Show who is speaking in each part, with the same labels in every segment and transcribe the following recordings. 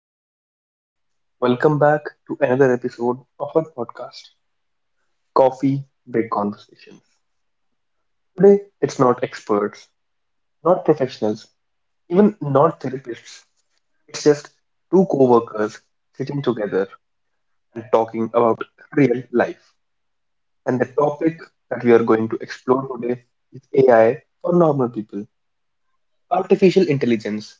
Speaker 1: everyone. Welcome back to another episode of our podcast, Coffee Break Conversations. Today, it's not experts, not professionals, even not therapists. It's just two co workers sitting together and talking about real life. And the topic that we are going to explore today is AI for normal people. Artificial intelligence,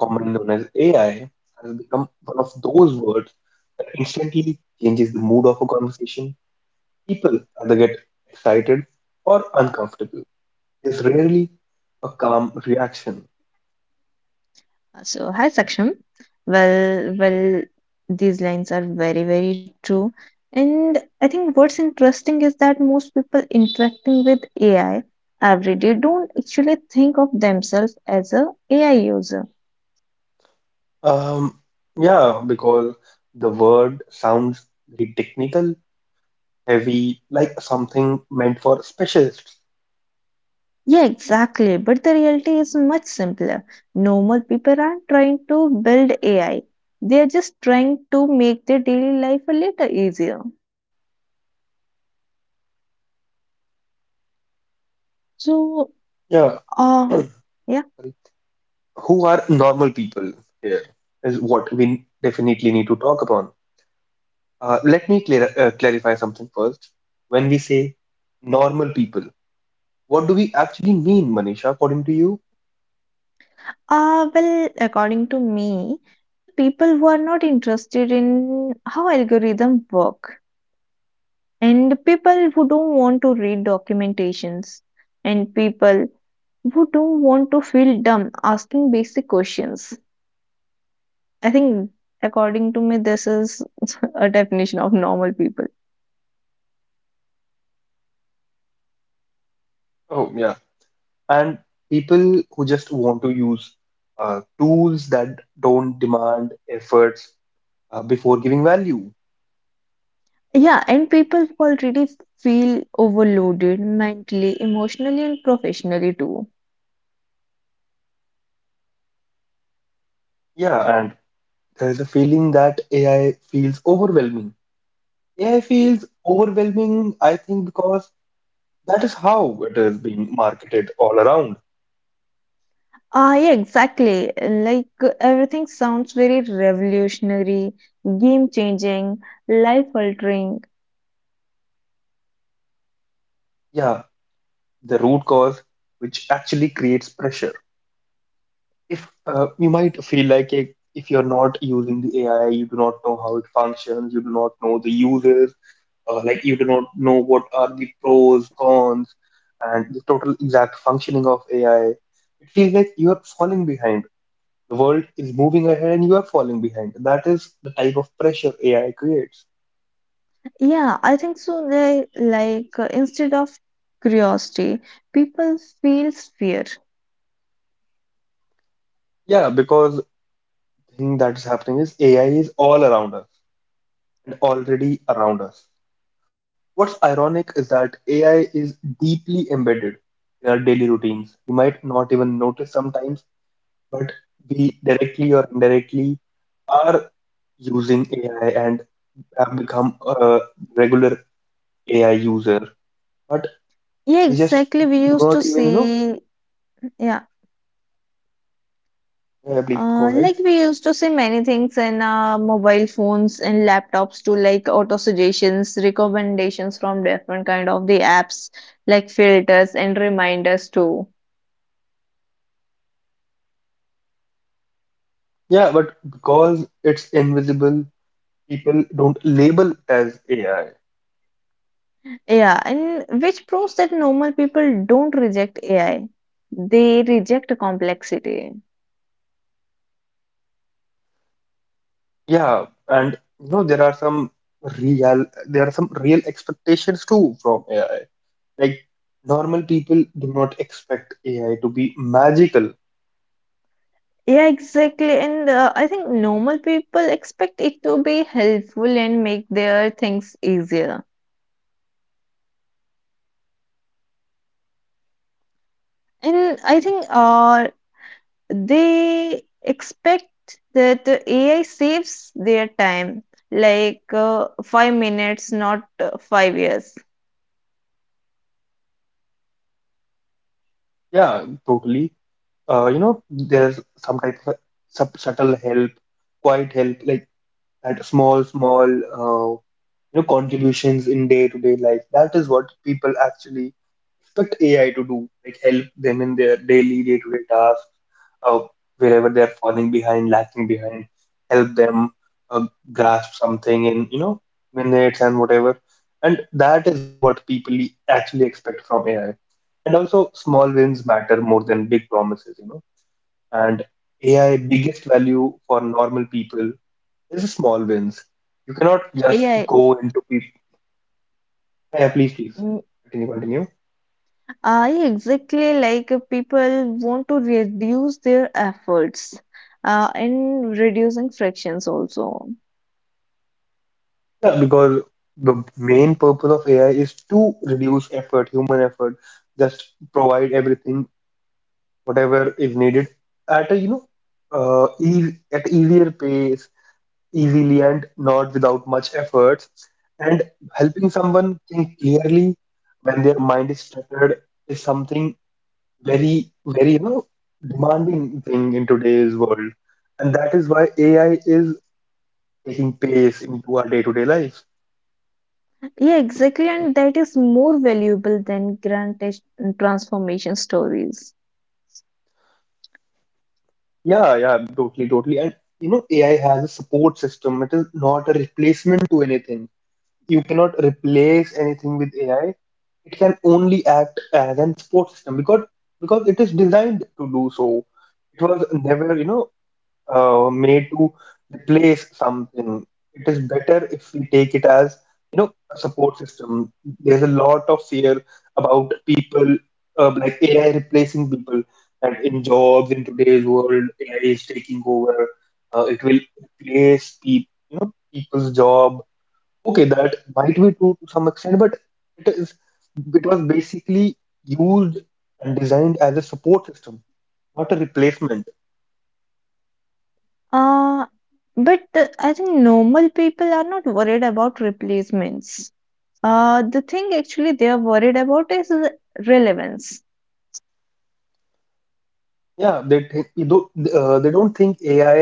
Speaker 1: commonly known as AI, has become one of those words that instantly changes the mood of a conversation. People either get excited or uncomfortable. There's rarely a calm reaction.
Speaker 2: Hi Saksham. Well, these lines are very, very true. And I think what's interesting is that most people interacting with AI every day don't actually think of themselves as a AI user.
Speaker 1: Um, yeah, because the word sounds very technical, heavy, like something meant for specialists.
Speaker 2: Yeah, exactly. But the reality is much simpler. Normal people aren't trying to build AI. They are just trying to make their daily life a little easier. So,
Speaker 1: Yeah.
Speaker 2: uh,
Speaker 1: Sorry.
Speaker 2: yeah.
Speaker 1: Who are normal people here is what we definitely need to talk upon. Let me clarify something first. When we say normal people, what do we actually mean, Manisha, according to you?
Speaker 2: Well, according to me, the people who are not interested in how algorithm work, and people who don't want to read documentations, and people who don't want to feel dumb asking basic questions. I think, according to me, this is a definition of normal people.
Speaker 1: Oh, yeah, and people who just want to use tools that don't demand efforts before giving value.
Speaker 2: Yeah, and people who already feel overloaded mentally, emotionally, and professionally too.
Speaker 1: Yeah, and there is a feeling that AI feels overwhelming. AI feels overwhelming, I think, because that is how it is being marketed all around.
Speaker 2: Yeah, exactly. Like everything sounds very revolutionary, game changing, life altering.
Speaker 1: Yeah, the root cause, which actually creates pressure. If you might feel like if you're not using the AI, you do not know how it functions, you do not know the uses. Like, you do not know what are the pros, cons, and the total exact functioning of AI. It feels like you are falling behind. The world is moving ahead and you are falling behind. That is the type of pressure AI creates.
Speaker 2: Yeah, I think so. They like instead of curiosity, people feel fear.
Speaker 1: Yeah, because the thing that is happening is AI is all around us and already around us. What's ironic is that AI is deeply embedded in our daily routines. We might not even notice sometimes, but we directly or indirectly are using AI and I've become a regular AI user, but
Speaker 2: Yeah,
Speaker 1: we just
Speaker 2: exactly. We
Speaker 1: do
Speaker 2: used to
Speaker 1: not even,
Speaker 2: see, yeah,
Speaker 1: please go ahead.
Speaker 2: like we used to see many things in mobile phones and laptops to like auto suggestions, recommendations from different kind of the apps, like filters and reminders too.
Speaker 1: Yeah, but because it's invisible, people don't label it as AI.
Speaker 2: Yeah, and which proves that normal people don't reject AI. They reject complexity.
Speaker 1: Yeah, and you know, there are some there are some real expectations too from AI. Like, normal people do not expect AI to be magical.
Speaker 2: Yeah, exactly. And I think normal people expect it to be helpful and make their things easier. And I think they expect that the AI saves their time, like five minutes, not five years.
Speaker 1: Yeah, totally. You know, there's some type of subtle help, quiet help. Like that small, small, you know, contributions in day-to-day life. That is what people actually expect AI to do, like help them in their daily, day-to-day tasks, uh, wherever they're falling behind, lacking behind, help them uh, grasp something in, you know, minutes and whatever. And that is what people actually expect from AI. And also, small wins matter more than big promises, you know. And AI biggest value for normal people this is small wins. You cannot just
Speaker 2: Yeah,
Speaker 1: go into people. Yeah, please, please. Continue, continue.
Speaker 2: I exactly like people want to reduce their efforts in reducing frictions also.
Speaker 1: Yeah, because the main purpose of AI is to reduce effort, human effort, just provide everything, whatever is needed at you know, easier pace, easily and not without much effort. And helping someone think clearly when their mind is cluttered is something very, very, you know, demanding thing in today's world. And that is why AI is taking pace into our day-to-day life.
Speaker 2: Yeah, exactly, and that is more valuable than transformation stories.
Speaker 1: Yeah, totally. And you know, AI has a support system. It is not a replacement to anything. You cannot replace anything with AI. It can only act as an support system because it is designed to do so. It was never, you know, made to replace something. It is better if we take it as, you know, a support system. There's a lot of fear about people, like AI replacing people, and in jobs in today's world, AI is taking over. It will replace people, you know, people's job. Okay, that might be true to some extent, but it is it was basically used and designed as a support system, not a replacement.
Speaker 2: Uh, but I think normal people are not worried about replacements. The thing actually they are worried about is relevance.
Speaker 1: Yeah, they don't think AI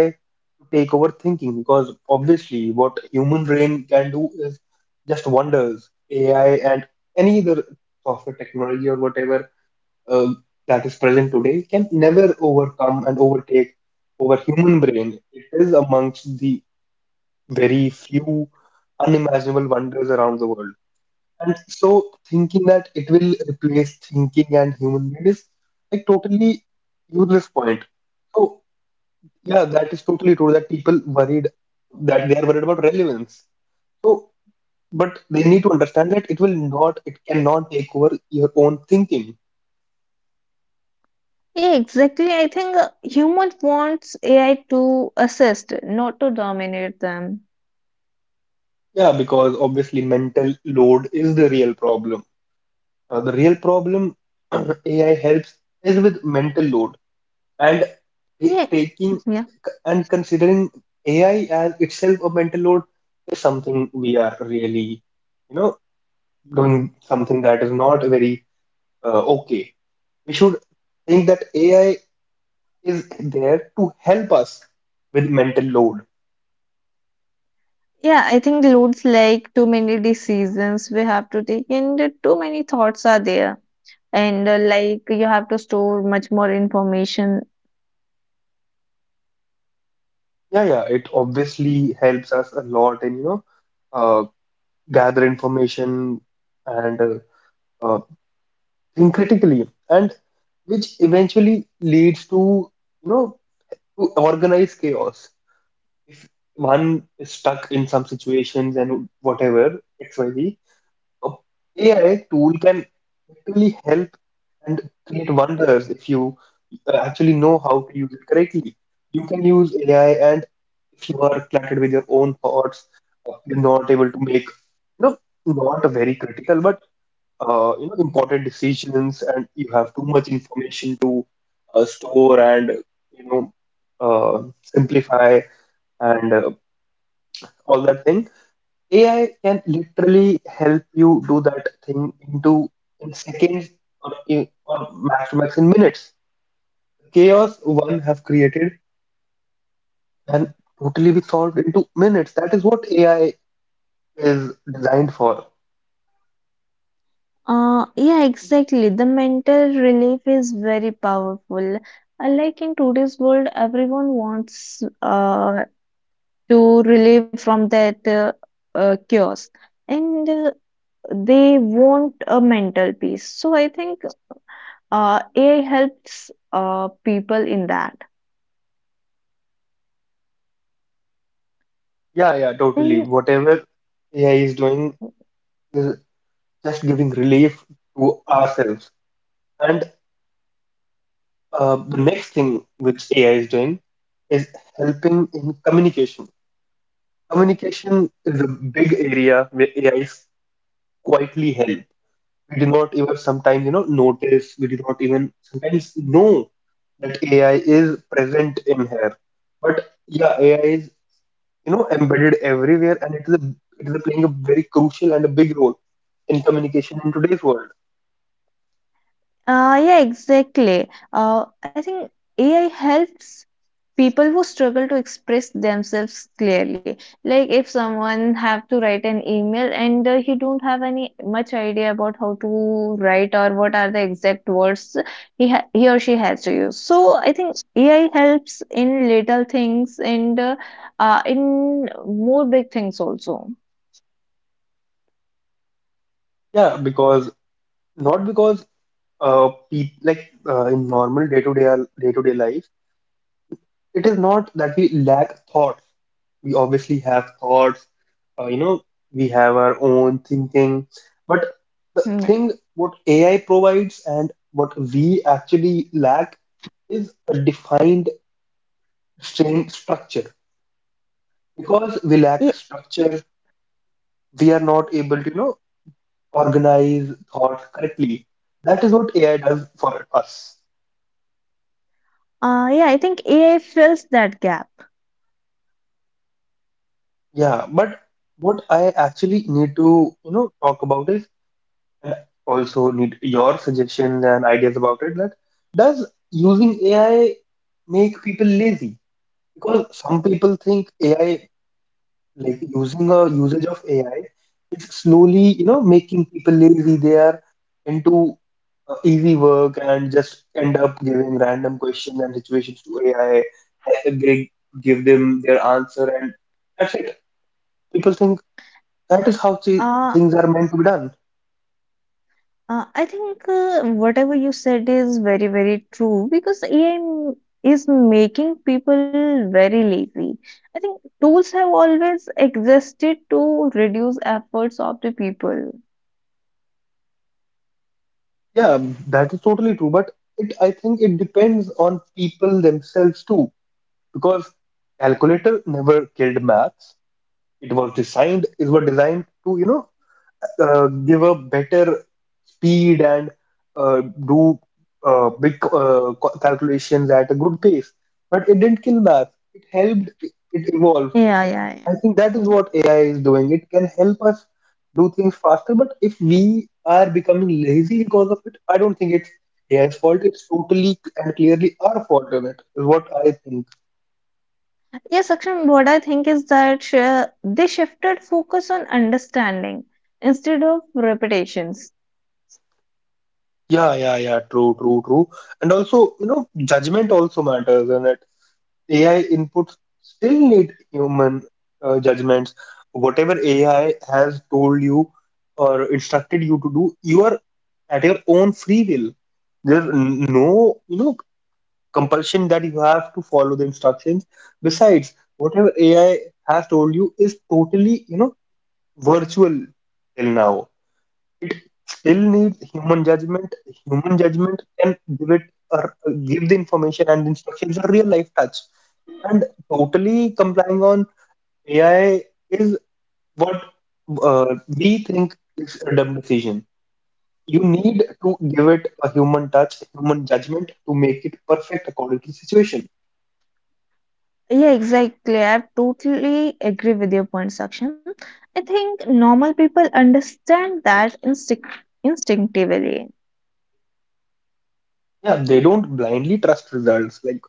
Speaker 1: to take over thinking because obviously what human brain can do is just wonders. AI and any other software technology or whatever uh, that is present today can never overcome and overtake over human brain. It is amongst the very few unimaginable wonders around the world. And so thinking that it will replace thinking and human brain is like totally useless point. So. Yeah, that is totally true that people worried that they are worried about relevance. So, but they need to understand that it will not, it cannot take over your own thinking.
Speaker 2: Yeah, exactly. I think human wants AI to assist, not to dominate them.
Speaker 1: Yeah, because obviously mental load is the real problem. Uh, the real problem AI helps is with mental load and
Speaker 2: Yeah,
Speaker 1: it taking
Speaker 2: yeah.
Speaker 1: and considering AI as itself a mental load is something we are really, you know, doing something that is not very okay. We should think that AI is there to help us with mental load.
Speaker 2: Yeah, I think loads like too many decisions we have to take, and too many thoughts are there. And like you have to store much more information.
Speaker 1: Yeah, it obviously helps us a lot in, you know, uh, gather information and uh, uh, think critically, and which eventually leads to, you know, to organized chaos. If one is stuck in some situations and whatever, XYZ, AI tool can actually help and create wonders if you actually know how to use it correctly. You can use AI, and if you are cluttered with your own thoughts, you're not able to make, you know, not a very critical but you know important decisions, and you have too much information to store and you know simplify and all that thing. AI can literally help you do that thing into in seconds or, or max to max in minutes. Chaos one have created can totally be solved into minutes. That is what AI is designed for.
Speaker 2: Yeah, exactly. The mental relief is very powerful. Like in today's world, everyone wants to relieve from that chaos, and they want a mental peace. So I think AI helps people in that.
Speaker 1: Yeah, totally.
Speaker 2: And
Speaker 1: Whatever AI is doing is just giving relief to ourselves. And the next thing which AI is doing is helping in communication. Communication is a big area where AI is quietly held. We do not even sometimes, you know, notice. We do not even sometimes know that AI is present in here. But yeah, AI is, you know, embedded everywhere, and it is playing a very crucial and a big role in communication in today's world.
Speaker 2: Yeah, exactly. I think AI helps people who struggle to express themselves clearly. Like if someone have to write an email and he don't have any much idea about how to write or what are the exact words he or she has to use. So I think AI helps in little things and in more big things also.
Speaker 1: Yeah, because not because people like in normal day-to-day life. It is not that we lack thoughts. We obviously have thoughts, you know, we have our own thinking. But the
Speaker 2: Mm, yeah.
Speaker 1: thing what AI provides and what we actually lack is a defined strain structure. Because we
Speaker 2: Yeah,
Speaker 1: lack structure, we are not able to, you know, organize thoughts correctly. That is what AI does for us.
Speaker 2: yeah, I think AI fills that gap.
Speaker 1: Yeah, but what I actually need to, you know, talk about is And also need your suggestions and ideas about it that does using AI make people lazy? Because some people think AI, like using a usage of AI, it's slowly, you know, making people lazy. They are into easy work and just end up giving random questions and situations to AI. And They give them their answer and that's it. People think that is how
Speaker 2: Uh,
Speaker 1: things are meant to be done.
Speaker 2: I think whatever you said is very, very true because AI is making people very lazy. I think tools have always existed to reduce efforts of the people.
Speaker 1: Yeah, that is totally true, but it I think it depends on people themselves too, because calculator never killed maths. It was designed to, you know, give a better speed and do big calculations at a good pace. But it didn't kill math. It helped it evolve.
Speaker 2: Yeah, yeah, yeah.
Speaker 1: I think that is
Speaker 2: Yeah.
Speaker 1: what AI is doing. It can help us do things faster, but if we are becoming lazy because of it, I don't think it's AI's fault. It's totally and clearly our fault in it, is what I think.
Speaker 2: Yes, Akshan, what I think is that they shifted focus on understanding instead of repetitions.
Speaker 1: Yeah. True. And also, you know, judgment also matters in it. AI inputs still need human judgments. Whatever AI has told you or instructed you to do, you are at your own free will. No you know compulsion that you have to follow the instructions. Besides, whatever AI has told you is totally, you know, virtual till now. Still needs human judgment. Human judgment can give it or give the information and instructions a real life touch. And totally complying on AI is what we think is a dumb decision. You need to give it a human touch, human judgment to make it perfect according to the situation.
Speaker 2: Yeah, exactly. I totally agree with your point, Saksham. I think normal people understand that instinctively.
Speaker 1: Yeah, they don't blindly trust results. Like,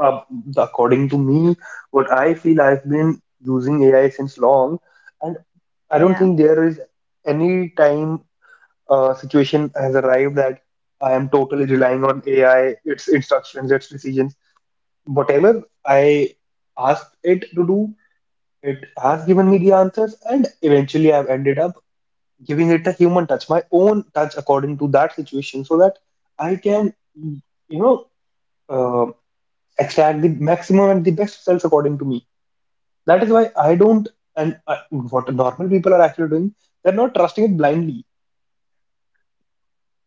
Speaker 1: uh, according to me, what I feel, I've been using AI since long, and I don't
Speaker 2: Yeah.
Speaker 1: think there is any time situation has arrived that I am totally relying on AI, its instructions, its decisions. Whatever I asked it to do, it has given me the answers, and eventually I've ended up giving it a human touch, my own touch according to that situation, so that I can, you know. uh, Extract the maximum and the best cells according to me. That is why I don't, and I, what normal people are actually doing, they're not trusting it blindly.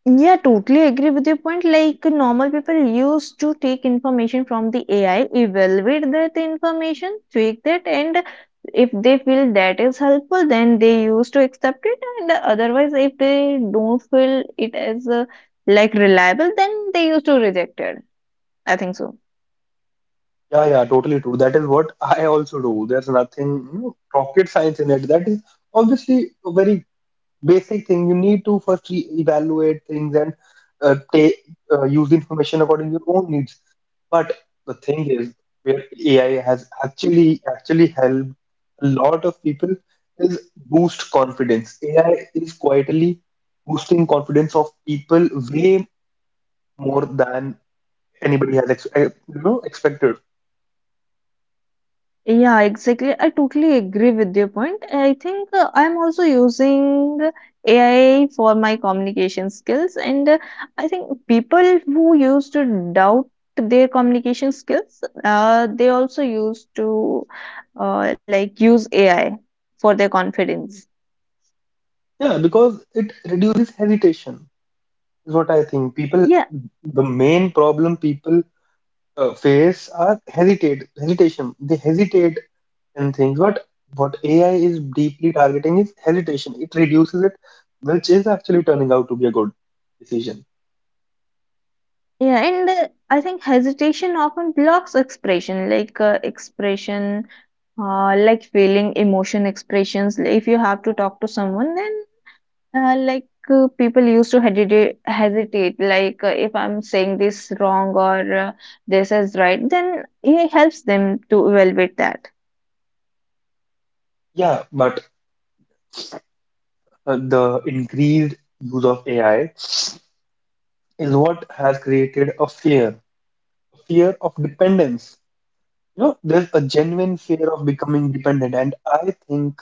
Speaker 2: Yeah, totally agree with your point. Like normal people used to take information from the AI, evaluate that information, tweak that, and if they feel that is helpful, then they used to accept it. And otherwise, if they don't feel it as like reliable, then they used to reject it. I think so.
Speaker 1: Yeah, yeah, totally true. That is what I also do. There's nothing, you know, rocket science in it. That is obviously a very basic thing. You need to first evaluate things and take use the information according to your own needs. But the thing is, where AI has actually helped a lot of people is boost confidence. AI is quietly boosting confidence of people way more than anybody has you know, expected.
Speaker 2: Yeah, exactly. I totally agree with your point. I think I'm also using AI for my communication skills, and I think people who used to doubt their communication skills, they also used to like use AI for their confidence.
Speaker 1: Yeah, because it reduces hesitation is what I think. People,
Speaker 2: Yeah,
Speaker 1: the main problem people face are hesitate hesitation. They hesitate and things. But what AI is deeply targeting is hesitation. It reduces it, which is actually turning out to be a good decision.
Speaker 2: yeah, and I think hesitation often blocks expression, like like feeling, emotion expressions. If you have to talk to someone, then like people used to hesitate like if I'm saying this wrong or this is right, then it helps them to evaluate that.
Speaker 1: Yeah, but the increased use of AI is what has created a fear of dependence. You know, there's a genuine fear of becoming dependent, and I think,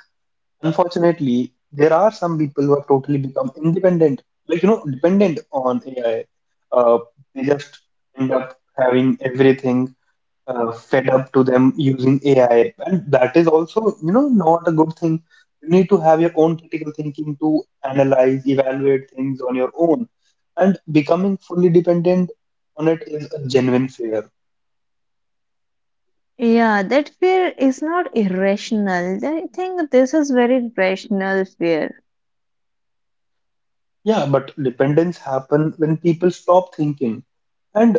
Speaker 1: unfortunately, there are some people who have totally become independent, like, you know, dependent on AI. Uh, they just end up having everything fed up to them using AI. And that is also, you know, not a good thing. You need to have your own critical thinking to analyze, evaluate things on your own. And becoming fully dependent on it is a genuine fear.
Speaker 2: Yeah, that fear is not irrational. I think this is very rational fear.
Speaker 1: Yeah, but dependence happen when people stop thinking. And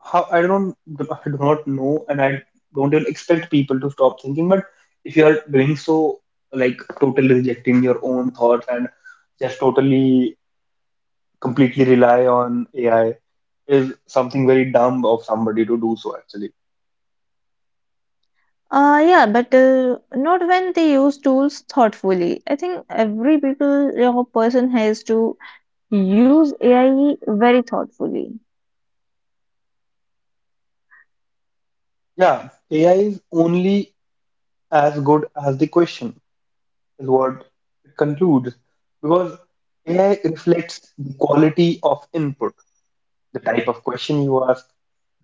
Speaker 1: how I do not know, and I don't even expect people to stop thinking. But if you are doing so, like totally rejecting your own thoughts and just totally completely rely on AI is something very dumb of somebody to do so, actually.
Speaker 2: Yeah, but not when they use tools thoughtfully. I think every people or person has to use AI very thoughtfully.
Speaker 1: Yeah, AI is only as good as the question, is what it concludes. Because AI reflects the quality of input. The type of question you ask,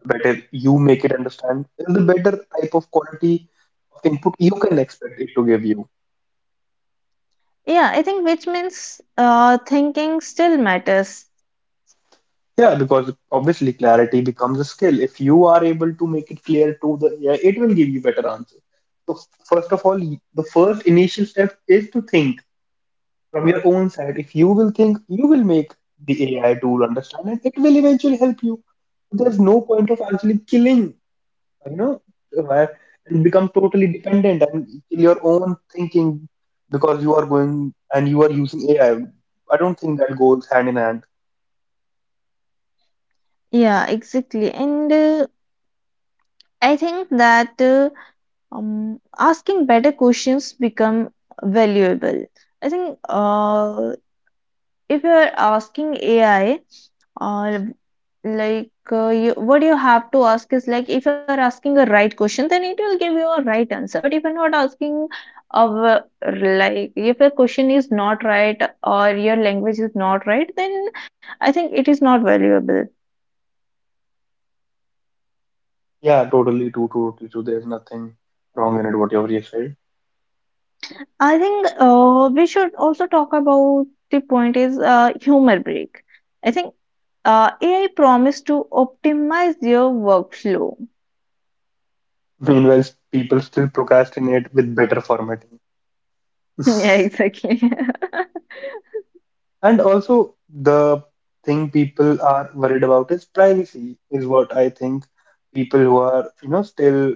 Speaker 1: the better you make it understand, is the better type of quality of input you can expect it to give you.
Speaker 2: Yeah, I think which means thinking still matters.
Speaker 1: Yeah, because obviously clarity becomes a skill. If you are able to make it clear to the AI, it will give you better answers. So first of all, the first initial step is to think from your own side. If you will think, you will make the AI tool understand, and it will eventually help you. There's no point of actually killing, you know, uh, and become totally dependent and kill your own thinking because you are going and you are using AI. I don't think that goes hand in hand.
Speaker 2: Yeah, exactly. And I think that asking better questions become valuable. I think if you're asking AI, uh, what you have to ask is like if you're asking a right question, then it will give you a right answer. But if you're not asking of like if your question is not right or your language is not right, then I think it is not valuable.
Speaker 1: Yeah, totally true, totally true. There's nothing wrong in it, whatever you said.
Speaker 2: I think we should also talk about the point is humor break. I think AI promised to optimize your workflow.
Speaker 1: Meanwhile, people still procrastinate with better formatting.
Speaker 2: Yeah, exactly.
Speaker 1: And also, the thing people are worried about is privacy, is what I think. People who are, you know, still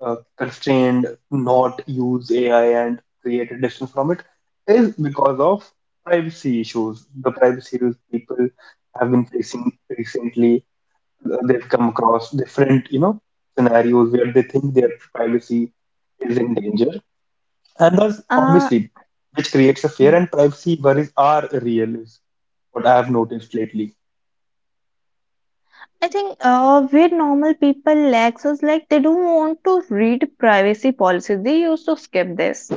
Speaker 1: constrained, not use AI and create a distance from it, is because of privacy issues. The privacy issues people have been facing recently, they've come across different, you know, scenarios where they think their privacy is in danger, and that's
Speaker 2: uh,
Speaker 1: obviously which creates a fear,
Speaker 2: mm.
Speaker 1: and privacy worries are real is what I have noticed lately.
Speaker 2: I think where normal people lacks is like they don't want to read privacy policies. They used to skip this.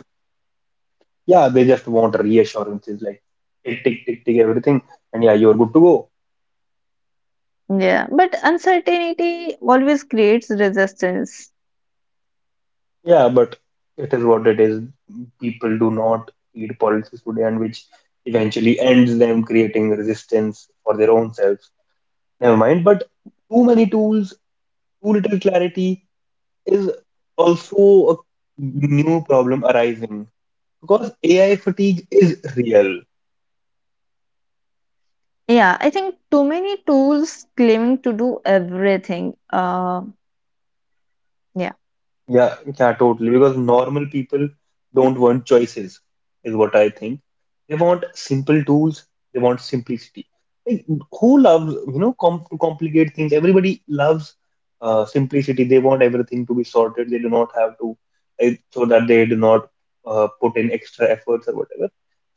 Speaker 1: Yeah, they just want reassurances, like tick, tick, tick, tick, everything, and yeah, you're good to go.
Speaker 2: Yeah, but uncertainty always creates resistance.
Speaker 1: Yeah, but it is what it is. People do not heed policies today, and which eventually ends them creating resistance for their own selves. Never mind, but too many tools, too little clarity is also a new problem arising, because AI fatigue is real.
Speaker 2: Yeah, I think too many tools claiming to do everything. Yeah.
Speaker 1: Yeah, yeah, totally. Because normal people don't want choices, is what I think. They want simple tools, they want simplicity. Like, who loves, you know, complicate things? Everybody loves simplicity. They want everything to be sorted. They do not have to, like, so that they do not put in extra efforts or whatever.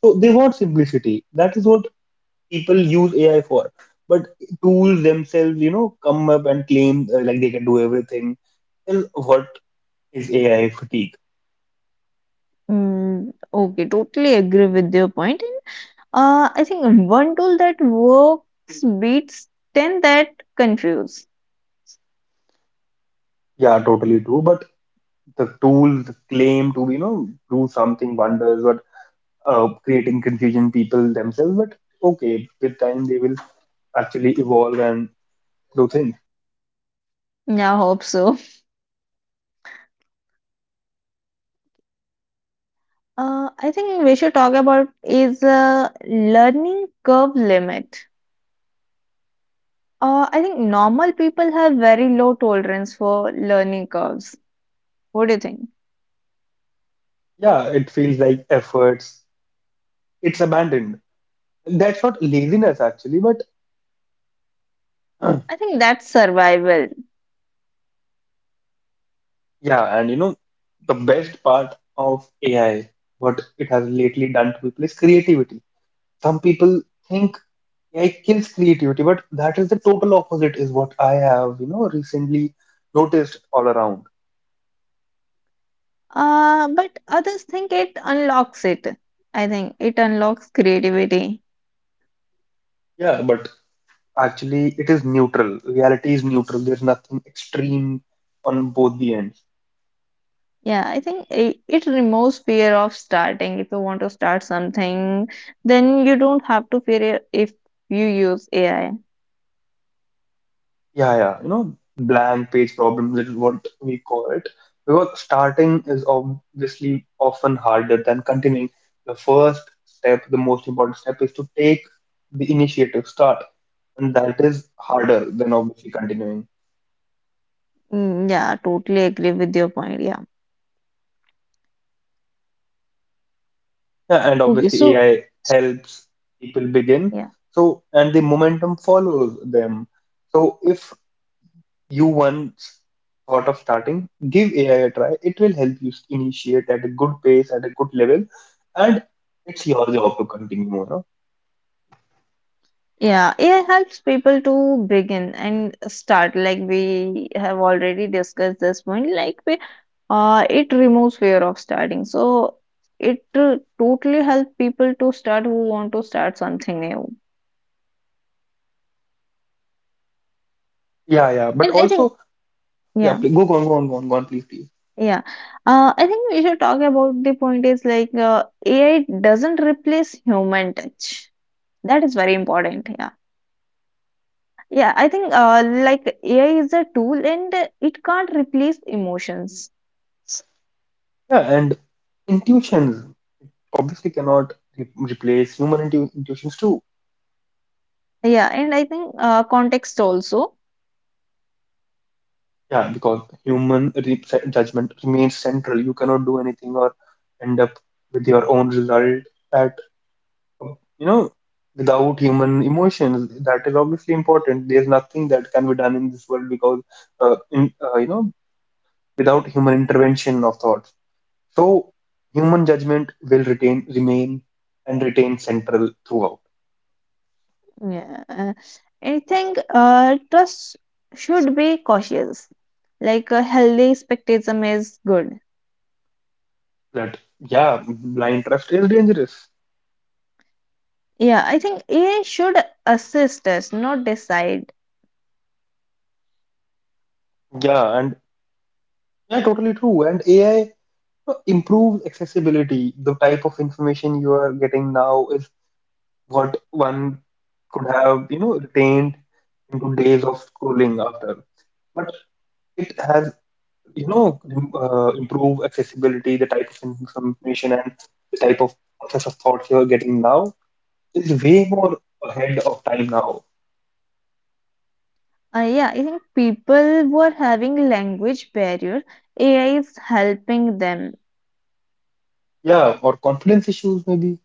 Speaker 1: So they want simplicity. That is what people use AI for. But tools themselves, you know, come up and claim like they can do everything. Well, what is AI fatigue?
Speaker 2: Mm, okay, totally agree with your point. And I think one tool that works beats 10 that confuse.
Speaker 1: Yeah, totally true. But the tools claim to, you know, do something wonders but creating confusion people themselves. But okay, with time they will actually evolve and do things.
Speaker 2: Yeah, I hope so. I think we should talk about is learning curve limit. I think normal people have very low tolerance for learning curves. What do you think?
Speaker 1: Yeah, it feels like efforts. It's abandoned. That's not laziness actually, but
Speaker 2: I think that's survival.
Speaker 1: yeah, and you know, the best part of AI, what it has lately done to people is creativity. Some people think AI kills creativity, but that is the total opposite, is what I have, you know, recently noticed all around.
Speaker 2: But others think it unlocks it. I think it unlocks creativity.
Speaker 1: Yeah, but actually, it is neutral. Reality is neutral. There's nothing extreme on both the ends.
Speaker 2: Yeah, I think it removes fear of starting. If you want to start something, then you don't have to fear it if you use AI.
Speaker 1: Yeah, yeah, you know, blank page problems is what we call it. Because starting is obviously often harder than continuing. The first step, the most important step, is to take the initiative, start, and that is harder than obviously continuing.
Speaker 2: Mm, yeah, totally agree with your point. Yeah.
Speaker 1: Yeah, and
Speaker 2: Okay,
Speaker 1: obviously
Speaker 2: so
Speaker 1: AI helps people begin.
Speaker 2: yeah.
Speaker 1: So, and the momentum follows them. So, if you once thought of starting, give AI a try. It will help you initiate at a good pace, at a good level, and it's your job to continue. You know?
Speaker 2: Yeah, AI helps people to begin and start. Like we have already discussed this point. It removes fear of starting. So it totally helps people to start who want to start something new.
Speaker 1: Yeah, yeah. But
Speaker 2: And I think,
Speaker 1: also, yeah,
Speaker 2: yeah.
Speaker 1: go, go on, please, please.
Speaker 2: Yeah. I think we should talk about the point is like AI doesn't replace human touch. That is very important. Yeah. Yeah. I think like AI is a tool and it can't replace emotions.
Speaker 1: Yeah, and intuitions obviously cannot replace human intuitions too.
Speaker 2: Yeah. And I think context also.
Speaker 1: Yeah, because human judgment remains central. You cannot do anything or end up with your own result at, you know, without human emotions. That is obviously important. There's nothing that can be done in this world because you know, without human intervention of thoughts. So human judgment will retain remain and retain central throughout.
Speaker 2: Yeah. I think trust should be cautious. Like a healthy skepticism is good.
Speaker 1: That, yeah, blind trust is dangerous.
Speaker 2: Yeah. I think AI should assist us, not decide.
Speaker 1: Yeah, and yeah, totally true, and AI improves accessibility. The type of information you are getting now is what one could have, you know, retained into days of schooling after. But it has, you know, improved accessibility. The type of information and the type of process of thoughts you're getting now is way more ahead of time now.
Speaker 2: Yeah, I think people were having language barrier. AI is helping them.
Speaker 1: Yeah, or confidence issues maybe.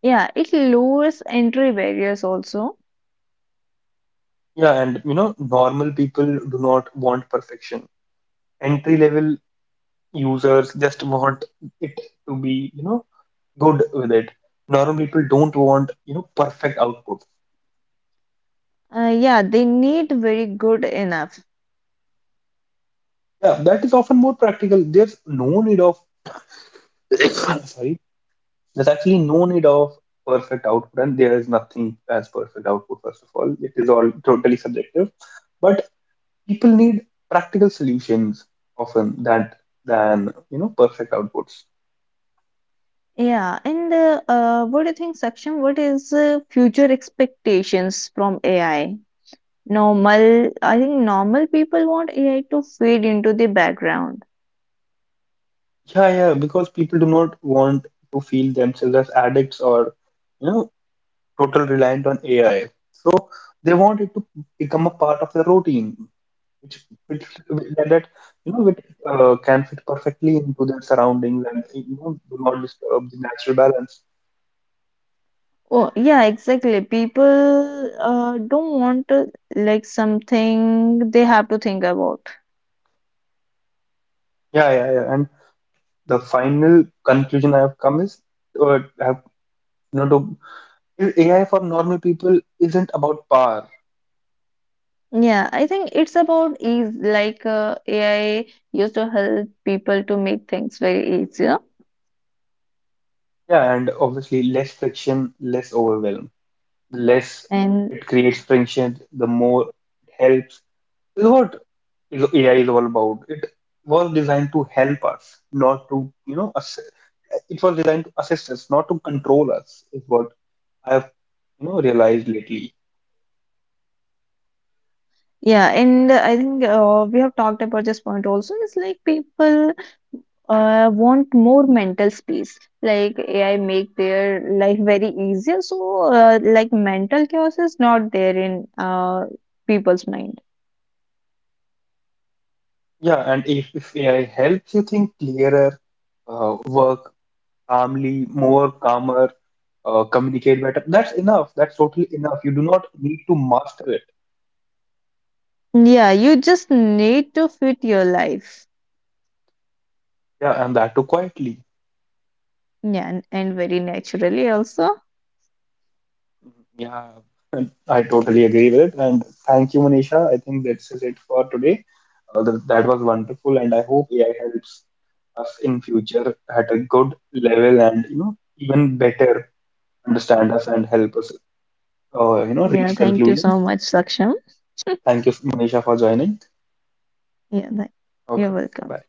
Speaker 2: Yeah, it lowers entry barriers also.
Speaker 1: Yeah, and you know, normal people do not want perfection. Entry level users just want it to be, you know, good with it. Normal people don't want, you know, perfect output.
Speaker 2: Yeah, they need very good enough.
Speaker 1: Yeah, that is often more practical. There's no need of, sorry, there's actually no need of perfect output, and there is nothing as perfect output, first of all. It is all totally subjective. But people need practical solutions often that than, you know, perfect outputs.
Speaker 2: Yeah, and what do you think, Saksham? What is future expectations from AI? Normal, I think normal people want AI to fade into the background.
Speaker 1: Yeah, yeah, because people do not want to feel themselves as addicts or, you know, total reliant on AI. So they want it to become a part of their routine, which which that that, you know, which can fit perfectly into their surroundings and, you know, do not disturb the natural balance.
Speaker 2: Oh, yeah, exactly. People don't want like something they have to think about.
Speaker 1: Yeah, yeah, yeah. And the final conclusion I have come is, I have, you know, to, AI for normal people isn't about power.
Speaker 2: Yeah, I think it's about ease. Like AI used to help people to make things very easier.
Speaker 1: Yeah, and obviously less friction, less overwhelm. The less it
Speaker 2: And
Speaker 1: creates friction, the more it helps. Is what AI is all about. It was designed to help us, not to, you know, assist. It was designed to assist us, not to control us, is what I've, you know, realized lately.
Speaker 2: yeah, and I think we have talked about this point also. It's like people want more mental space. Like AI make their life very easier. So like mental chaos is not there in people's mind.
Speaker 1: Yeah, and if AI helps you think clearer, work calmly, more calmer, communicate better, that's enough. That's totally enough. You do not need to master it.
Speaker 2: Yeah, you just need to fit your life.
Speaker 1: Yeah, and that too quietly.
Speaker 2: Yeah, and very naturally also.
Speaker 1: Mm, yeah, and I totally agree with it. And thank you, Manisha. I think that's is it for today. That was wonderful, and I hope AI helps us in future at a good level and, you know, even better understand us and help us, you know,
Speaker 2: Yeah,
Speaker 1: reach
Speaker 2: thank you so
Speaker 1: conclusions.
Speaker 2: much, Saksham.
Speaker 1: Thank you, Manisha, for joining.
Speaker 2: Yeah, thank- you're
Speaker 1: Okay,
Speaker 2: welcome.
Speaker 1: bye.